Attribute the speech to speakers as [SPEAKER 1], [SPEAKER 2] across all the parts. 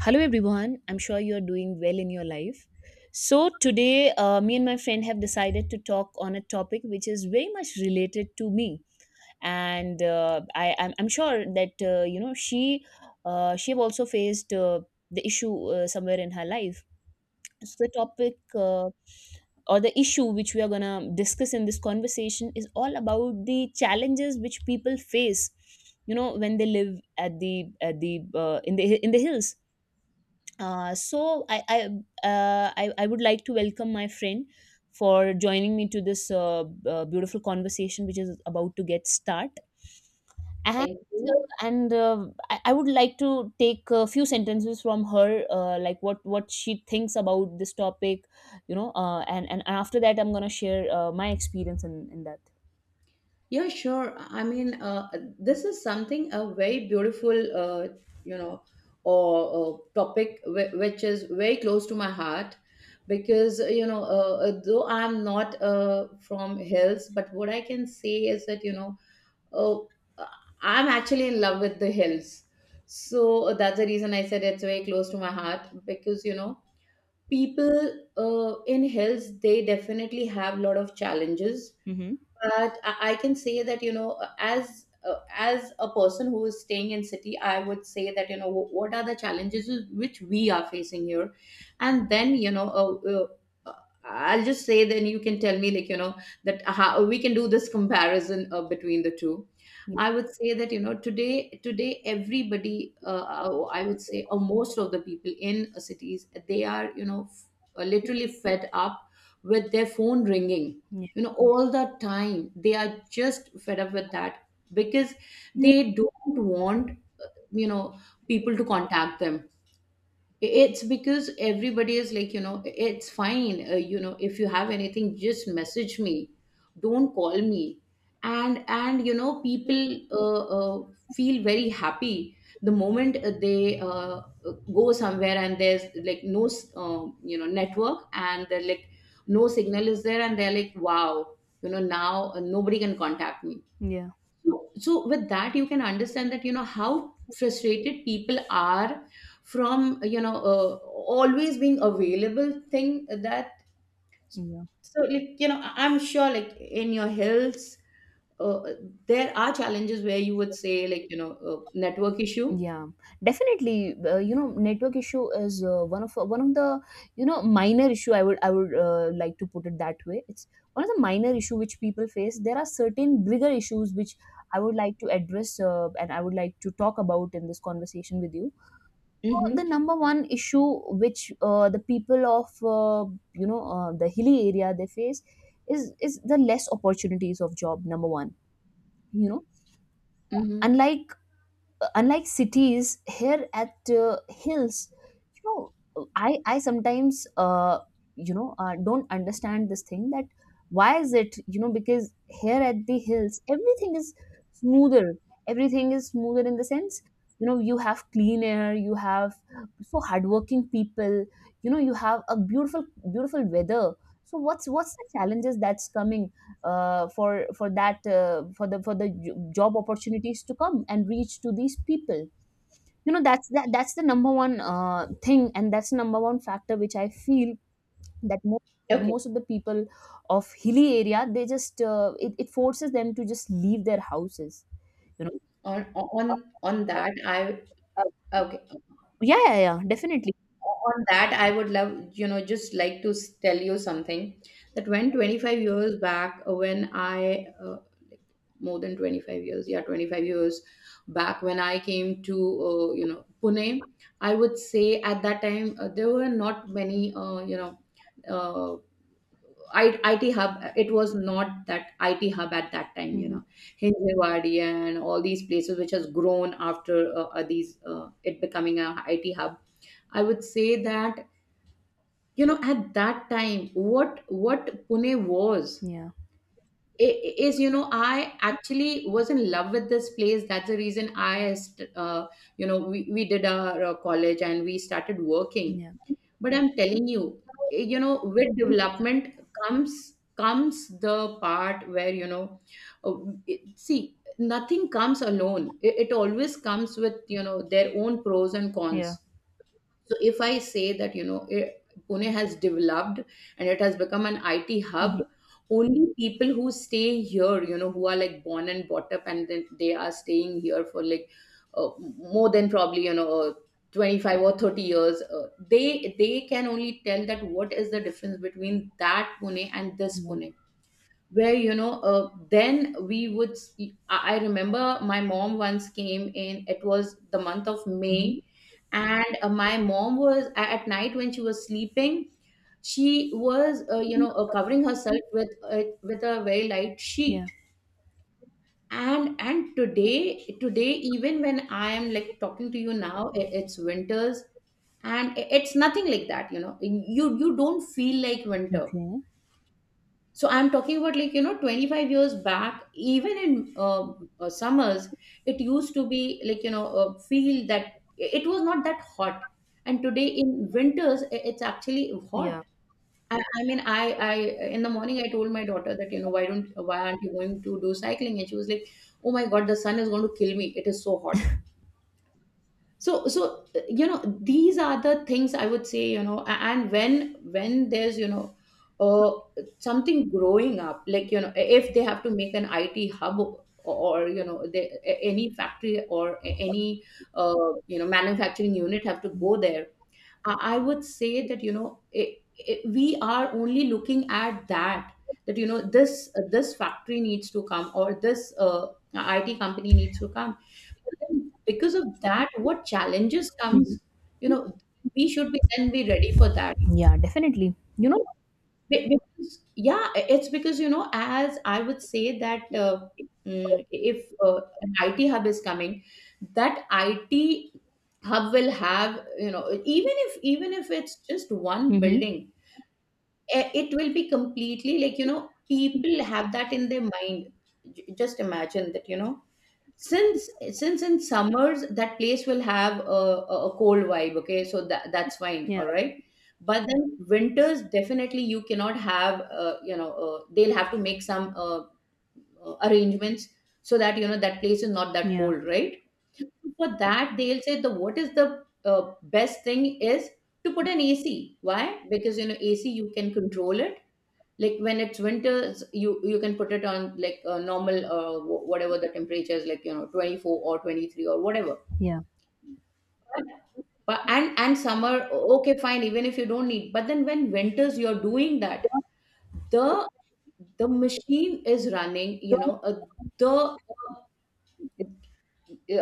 [SPEAKER 1] Hello, everyone. I'm sure you're doing well in your life. So, today, me and my friend have decided to talk on a topic which is very much related to me. And I'm sure that, she have also faced the issue somewhere in her life. So, the topic or the issue which we are going to discuss in this conversation is all about the challenges which people face, you know, when they live at the in the in the hills. Uh, so I I, uh, I I would like to welcome my friend for joining me to this beautiful conversation which is about to get start. And uh,
[SPEAKER 2] Thank you.
[SPEAKER 1] and uh, I, I would like to take a few sentences from her, like what she thinks about this topic, And after that, I'm gonna share my experience in that.
[SPEAKER 2] Yeah, sure. This is something a very beautiful, you know, or topic which is very close to my heart because though I'm not from hills, but what I can say is that you know, uh, I'm actually in love with the hills. So that's the reason I said it's very close to my heart because you know, people in hills they definitely have a lot of challenges,
[SPEAKER 1] Mm-hmm.
[SPEAKER 2] but I can say that you know, as uh, as a person who is staying in city, I would say that you know, what are the challenges which we are facing here, and then you know, uh, I'll just say, then you can tell me like you know, that how we can do this comparison between the two. I would say that you know, today everybody, I would say, or most of the people in cities, they are you know, literally fed up with their phone ringing,
[SPEAKER 1] Yeah.
[SPEAKER 2] you know, all the time. They are just fed up with that because they don't want you know people to contact them. It's because everybody is like, you know, it's fine, you know, if you have anything, just message me, don't call me. And you know, people feel very happy the moment they, go somewhere and there's like no, you know, network, and they're like, no signal is there, and they're like, wow, you know, now nobody can contact me.
[SPEAKER 1] Yeah.
[SPEAKER 2] So, with that, you can understand that, you know, how frustrated people are from, you know, always being available thing that.
[SPEAKER 1] Yeah.
[SPEAKER 2] So like, you know, I'm sure like in your hills, uh, there are challenges where you would say like, you know, network issue.
[SPEAKER 1] Yeah, definitely. Network issue is one of the, you know, minor issue I would like to put it that way. It's one of the minor issue which people face. There are certain bigger issues which I would like to address, and I would like to talk about in this conversation with you. So the
[SPEAKER 2] Mm-hmm.
[SPEAKER 1] number one issue which the people of you know the hilly area they face is the less opportunities of job, number one, you know.
[SPEAKER 2] Mm-hmm.
[SPEAKER 1] unlike Unlike cities, here at hills, you know, I sometimes, don't understand this thing that why is it, you know, because here at the hills everything is smoother. Everything is smoother in the sense, you know, you have clean air, you have so hardworking people, you know, you have a beautiful, beautiful weather. So what's the challenges that's coming, for that for the j- job opportunities to come and reach to these people, you know. That's the number one thing, and that's the number one factor which I feel that
[SPEAKER 2] Okay.
[SPEAKER 1] most of the people of hilly area, they just it forces them to just leave their houses, you know.
[SPEAKER 2] On
[SPEAKER 1] uh,
[SPEAKER 2] on on that, I
[SPEAKER 1] uh,
[SPEAKER 2] okay.
[SPEAKER 1] yeah, yeah, yeah, definitely.
[SPEAKER 2] On that, I would love, you know, just like to tell you something, that when 25 years back, when I more than 25 years, yeah, 25 years back, when I came to you know, Pune, I would say at that time there were not many uh, IT hub, it was not that IT hub at that time, you
[SPEAKER 1] Hmm.
[SPEAKER 2] know, Hinjewadi and all these places which has grown after these it becoming a I T hub. I would say that you know at that time what Pune was
[SPEAKER 1] Yeah,
[SPEAKER 2] is, you know, I actually was in love with this place. That's the reason I you know, we did our college and we started working.
[SPEAKER 1] yeah,
[SPEAKER 2] But I'm telling you, you know, with development comes the part where you know, uh, see, nothing comes alone. It always comes with you know their own pros and cons.
[SPEAKER 1] yeah.
[SPEAKER 2] So if I say that, you know, Pune has developed and it has become an IT hub,
[SPEAKER 1] Hmm.
[SPEAKER 2] only people who stay here, you know, who are like born and brought up and then they are staying here for like uh, more than probably, you know, 25 or 30 years, they can only tell that what is the difference between that Pune and this
[SPEAKER 1] Yeah.
[SPEAKER 2] Pune, where you know then we would I remember my mom once came in, it was the month of
[SPEAKER 1] Hmm.
[SPEAKER 2] May, and my mom was at night, when she was sleeping, she was covering herself with a very light
[SPEAKER 1] Yeah.
[SPEAKER 2] sheet. And today even when I am like talking to you now, it's winters and it's nothing like that, you know, you don't feel like winter.
[SPEAKER 1] Okay.
[SPEAKER 2] So I'm talking about like, you know, 25 years back, even in summers, it used to be like, you know, feel that it was not that hot. And today in winters, it's actually
[SPEAKER 1] Yeah,
[SPEAKER 2] hot. I mean, in the morning, I told my daughter that, you know, why don't, why aren't you going to do cycling? And she was like, oh my God, the sun is going to kill me. It is so hot. So, you know, these are the things, I would say, you know. A and when there's, you know, uh, something growing up, like you know, if they have to make an it hub or, you know, any factory or any you know, manufacturing unit have to go there, I would say that you know, we are only looking at that, that you know this this factory needs to come, or this IT company needs to come. But then because of that, what challenges comes? You know, we should be then be ready for that.
[SPEAKER 1] yeah, definitely, you know.
[SPEAKER 2] Be- because- yeah, it's because you know, as I would say that mm, if an IT hub is coming, that IT hub will have, you know, even if it's just one
[SPEAKER 1] Hmm.
[SPEAKER 2] building, it will be completely like, you know, people have that in their mind. Just imagine that you know, since in summers that place will have a, a cold vibe, okay, so that that's fine,
[SPEAKER 1] Yeah,
[SPEAKER 2] all right. But then winters, definitely you cannot have, they'll have to make some arrangements, so that you know that place is not that
[SPEAKER 1] yeah,
[SPEAKER 2] cold, right. For that, they'll say the what is the best thing is to put an ac. Why? Because you know, ac you can control it. Like when it's winters, you can put it on like a normal whatever the temperature is, like you know, 24 or 23 or whatever.
[SPEAKER 1] yeah.
[SPEAKER 2] But and summer, okay, fine, even if you don't need, but then when winters you're doing that, the machine is running,
[SPEAKER 1] So,
[SPEAKER 2] you know, the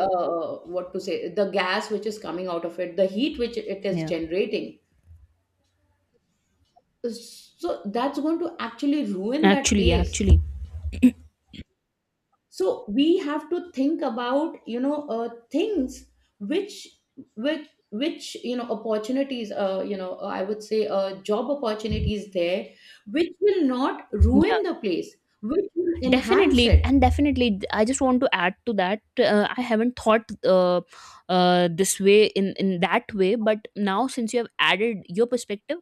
[SPEAKER 2] what to say, the gas which is coming out of it, the heat which it is
[SPEAKER 1] yeah.
[SPEAKER 2] generating, so that's going to actually ruin that
[SPEAKER 1] Actually, yeah,
[SPEAKER 2] place.
[SPEAKER 1] actually.
[SPEAKER 2] So we have to think about, you know, things which which you know, opportunities, I would say, job opportunities there, which will not
[SPEAKER 1] Yeah,
[SPEAKER 2] ruin the place, which will enhance
[SPEAKER 1] definitely.
[SPEAKER 2] it.
[SPEAKER 1] And definitely, I just want to add to that. I haven't thought this way, in that way, but now since you have added your perspective,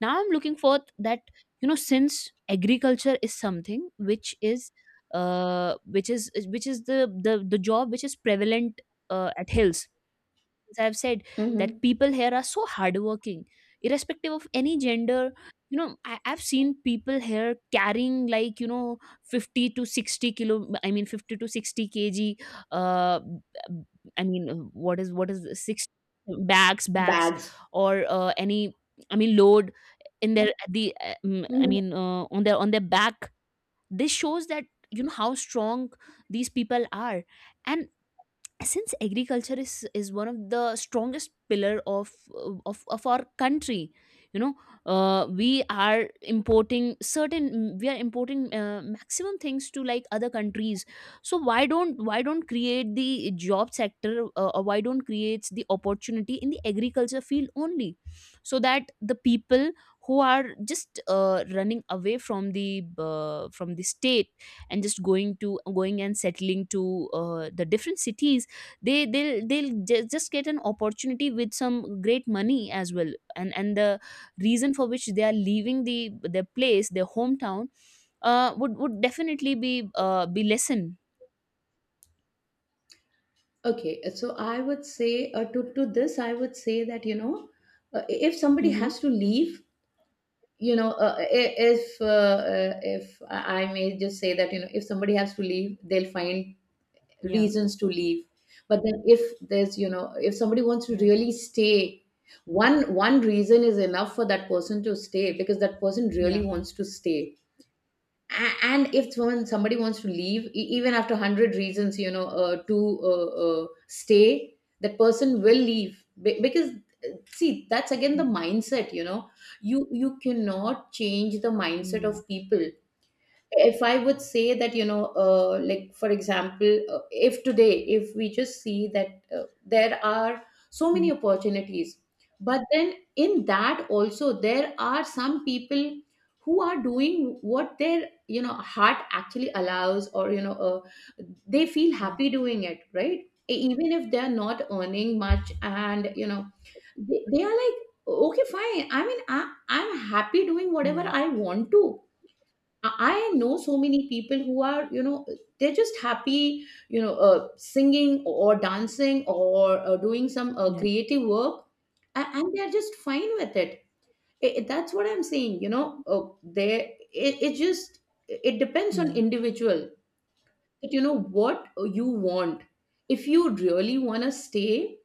[SPEAKER 1] now I'm looking forth that, you know, since agriculture is something which is which is the job which is prevalent at hills. As I've said, that
[SPEAKER 2] Hmm.
[SPEAKER 1] people here are so hardworking, irrespective of any gender. You know, I, I've seen people here carrying, like, you know, 50 to 60 kilo, I mean, 50 to 60 kg, uh, b- I mean, what is this, six bags,
[SPEAKER 2] Bags.
[SPEAKER 1] or any, I mean, load in their, I
[SPEAKER 2] Mhm.
[SPEAKER 1] mean, on their back. This shows that, you know, how strong these people are. And since agriculture is one of the strongest pillar of of our country, you know, we are importing maximum things to like other countries. So why don't create the job sector, or why don't create the opportunity in the agriculture field only, so that the people who are just running away from the, from the state and just going and settling to the different cities, they'll just get an opportunity with some great money as well. And the reason for which they are leaving their place, their hometown, would definitely be lesson.
[SPEAKER 2] Okay, so I would say, to this I would say that you know, if somebody
[SPEAKER 1] Mm-hmm.
[SPEAKER 2] has to leave, you know, if I may just say that you know, if somebody has to leave, they'll find
[SPEAKER 1] Yeah.
[SPEAKER 2] reasons to leave. But then if there's, you know, if somebody wants to
[SPEAKER 1] Yeah.
[SPEAKER 2] really stay, one reason is enough for that person to stay, because that person really
[SPEAKER 1] Yeah.
[SPEAKER 2] wants to stay. A- and if someone somebody wants to leave, even after 100 reasons, you know, to stay, that person will leave. Because see, that's again
[SPEAKER 1] Yeah.
[SPEAKER 2] the mindset, you know, you cannot change the mindset
[SPEAKER 1] Yeah.
[SPEAKER 2] of people. If I would say that you know, like for example, if today if we just see that there are so
[SPEAKER 1] Mhm.
[SPEAKER 2] many opportunities, but then in that also there are some people who are doing what their, you know, heart actually allows, or you know, they feel
[SPEAKER 1] Yeah.
[SPEAKER 2] happy doing it, right? Even if they're not earning much, and you know, they are like, okay, fine, I mean, I'm happy doing whatever
[SPEAKER 1] Yeah.
[SPEAKER 2] I want to. I know so many people who are, you know, they're just happy, you know, singing or dancing, or doing some
[SPEAKER 1] Yeah.
[SPEAKER 2] creative work, and, they're just fine with it. I- that's what I'm saying, you know, it just, it depends on
[SPEAKER 1] Yeah,
[SPEAKER 2] individual, that you know, what you want. If you really want to stay,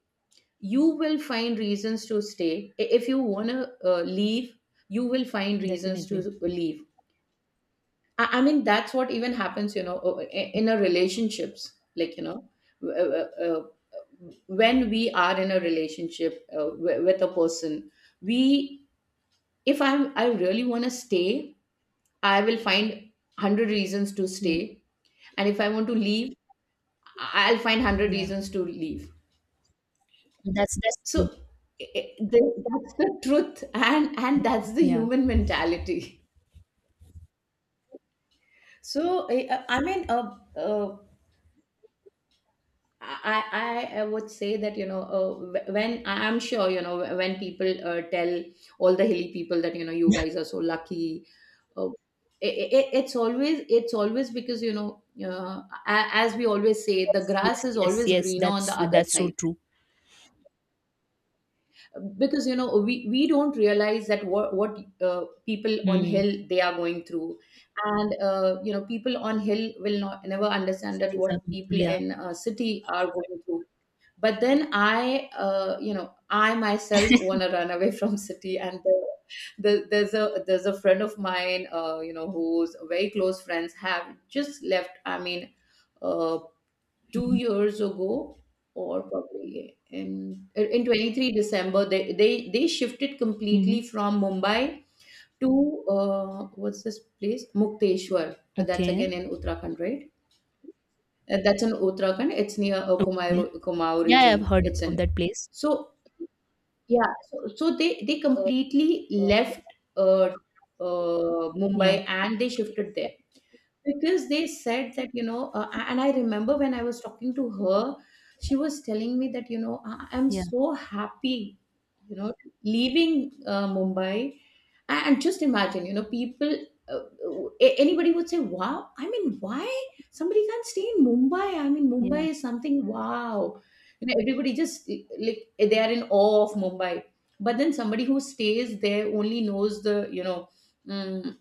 [SPEAKER 2] you will find reasons to stay. If you want to leave, you will find reasons to
[SPEAKER 1] definitely.
[SPEAKER 2] leave. I mean, that's what even happens, you know, in a relationships, like, you know, when we are in a relationship with a person, we, if I really want to stay, I will find 100 reasons to
[SPEAKER 1] Yeah.
[SPEAKER 2] stay. And if I want to leave, I'll find 100
[SPEAKER 1] Yeah,
[SPEAKER 2] reasons to leave.
[SPEAKER 1] that's
[SPEAKER 2] So
[SPEAKER 1] true.
[SPEAKER 2] I- th- that's the truth. And,
[SPEAKER 1] Yeah.
[SPEAKER 2] that's the
[SPEAKER 1] Yeah.
[SPEAKER 2] human mentality. So I mean, I, I would say that you know, when I'm sure you know, when people tell all the hilly people that you know, you guys are so lucky, uh, it's always, because you know, as we always say, the
[SPEAKER 1] Yes, yes,
[SPEAKER 2] grass is
[SPEAKER 1] yes,
[SPEAKER 2] always
[SPEAKER 1] yes,
[SPEAKER 2] greener
[SPEAKER 1] that's
[SPEAKER 2] on the other
[SPEAKER 1] that's so
[SPEAKER 2] side,
[SPEAKER 1] true.
[SPEAKER 2] because you know, we don't realize that what people on
[SPEAKER 1] Mm.
[SPEAKER 2] hill they are going through. And you know, people on hill will not never understand that
[SPEAKER 1] Cities are,
[SPEAKER 2] what people
[SPEAKER 1] yeah.
[SPEAKER 2] in city are going through. But then I you know, I myself want to run away from city. And the, there's a friend of mine, you know, whose very close friends have just left, I mean, uh, two
[SPEAKER 1] Mm-hmm.
[SPEAKER 2] years ago, or probably in 23 december they they shifted
[SPEAKER 1] Mm-hmm.
[SPEAKER 2] completely from Mumbai to what's this place, Mukteshwar. That's
[SPEAKER 1] Okay.
[SPEAKER 2] again in Uttarakhand, right? That's in Uttarakhand, it's near
[SPEAKER 1] Yeah.
[SPEAKER 2] Kumaon, Kumaur
[SPEAKER 1] Yeah, I have
[SPEAKER 2] region,
[SPEAKER 1] heard
[SPEAKER 2] it's
[SPEAKER 1] of
[SPEAKER 2] in.
[SPEAKER 1] that place.
[SPEAKER 2] So yeah, so they completely left
[SPEAKER 1] Yeah,
[SPEAKER 2] Mumbai, and they shifted there because they said that you know, and I remember when I was talking to her, she was telling me that you know, I'm
[SPEAKER 1] yeah,
[SPEAKER 2] so happy, you know, leaving Mumbai. And just imagine, you know, people, uh, anybody would say, wow, I mean, why? Somebody can't stay in Mumbai, I mean, Mumbai
[SPEAKER 1] yeah,
[SPEAKER 2] is something, wow, you know, everybody just, they are in awe of Mumbai. But then somebody who stays there only knows the, you know, mm,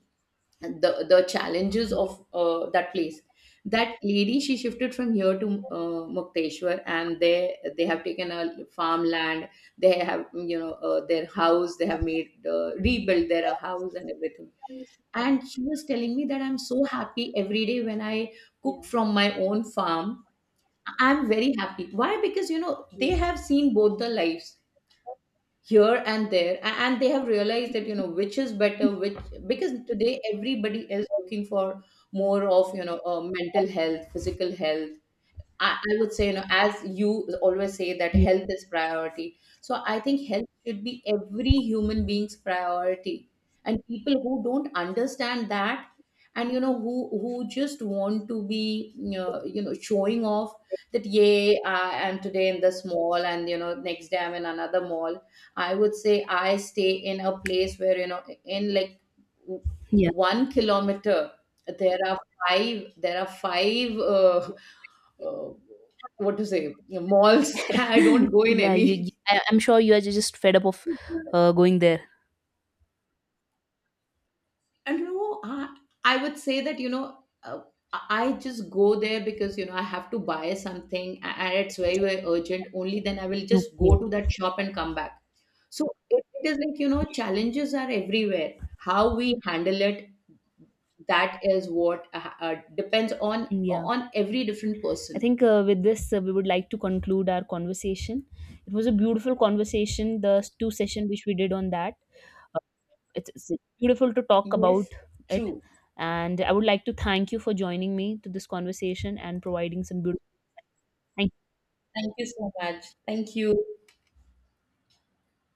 [SPEAKER 2] the challenges
[SPEAKER 1] yeah,
[SPEAKER 2] of that place. That lady, she shifted from here to Mukteshwar, and they have taken a farmland, they have, you know, their house they have made,
[SPEAKER 1] yeah,
[SPEAKER 2] rebuilt their house and everything. And she was telling me that, I'm so happy every day when I cook
[SPEAKER 1] yeah,
[SPEAKER 2] from my own farm. I'm very happy, why? Because you know, they
[SPEAKER 1] yeah,
[SPEAKER 2] have seen both the lives here and there. A- and they have realized that you know which is better, which, because today everybody is looking for more of, you know, mental health, physical health. I would say, you know, as you always say, that
[SPEAKER 1] yeah,
[SPEAKER 2] health is priority. So I think health should be every human being's priority. And people who don't understand that, and you know, who just want to be, you know, showing off, that yay, I am today in this mall, and you know, next day I'm in another mall. I would say I stay in a place where, you know, in like w-
[SPEAKER 1] yeah.
[SPEAKER 2] 1 kilometer there are five uh, what to say, you know, malls I don't go in
[SPEAKER 1] Yeah.
[SPEAKER 2] any.
[SPEAKER 1] I'm sure you are just fed up of going there.
[SPEAKER 2] And you know, I would say that you know, uh, I just go there because you know, I have to buy something, and it's very very urgent, only then I will just go
[SPEAKER 1] Okay?
[SPEAKER 2] to that shop and come back. So it is like you know, challenges are everywhere, how we handle it, that is what, depends on
[SPEAKER 1] Mm. Yeah,
[SPEAKER 2] on every different
[SPEAKER 1] I
[SPEAKER 2] person.
[SPEAKER 1] think with this we would like to conclude our conversation. It was a beautiful conversation. The two session which we did on that. It's beautiful to talk about
[SPEAKER 2] Yes.
[SPEAKER 1] it,
[SPEAKER 2] True.
[SPEAKER 1] and I would like to thank you for joining me to this conversation and providing some beautiful.
[SPEAKER 2] Thank you so much, thank you.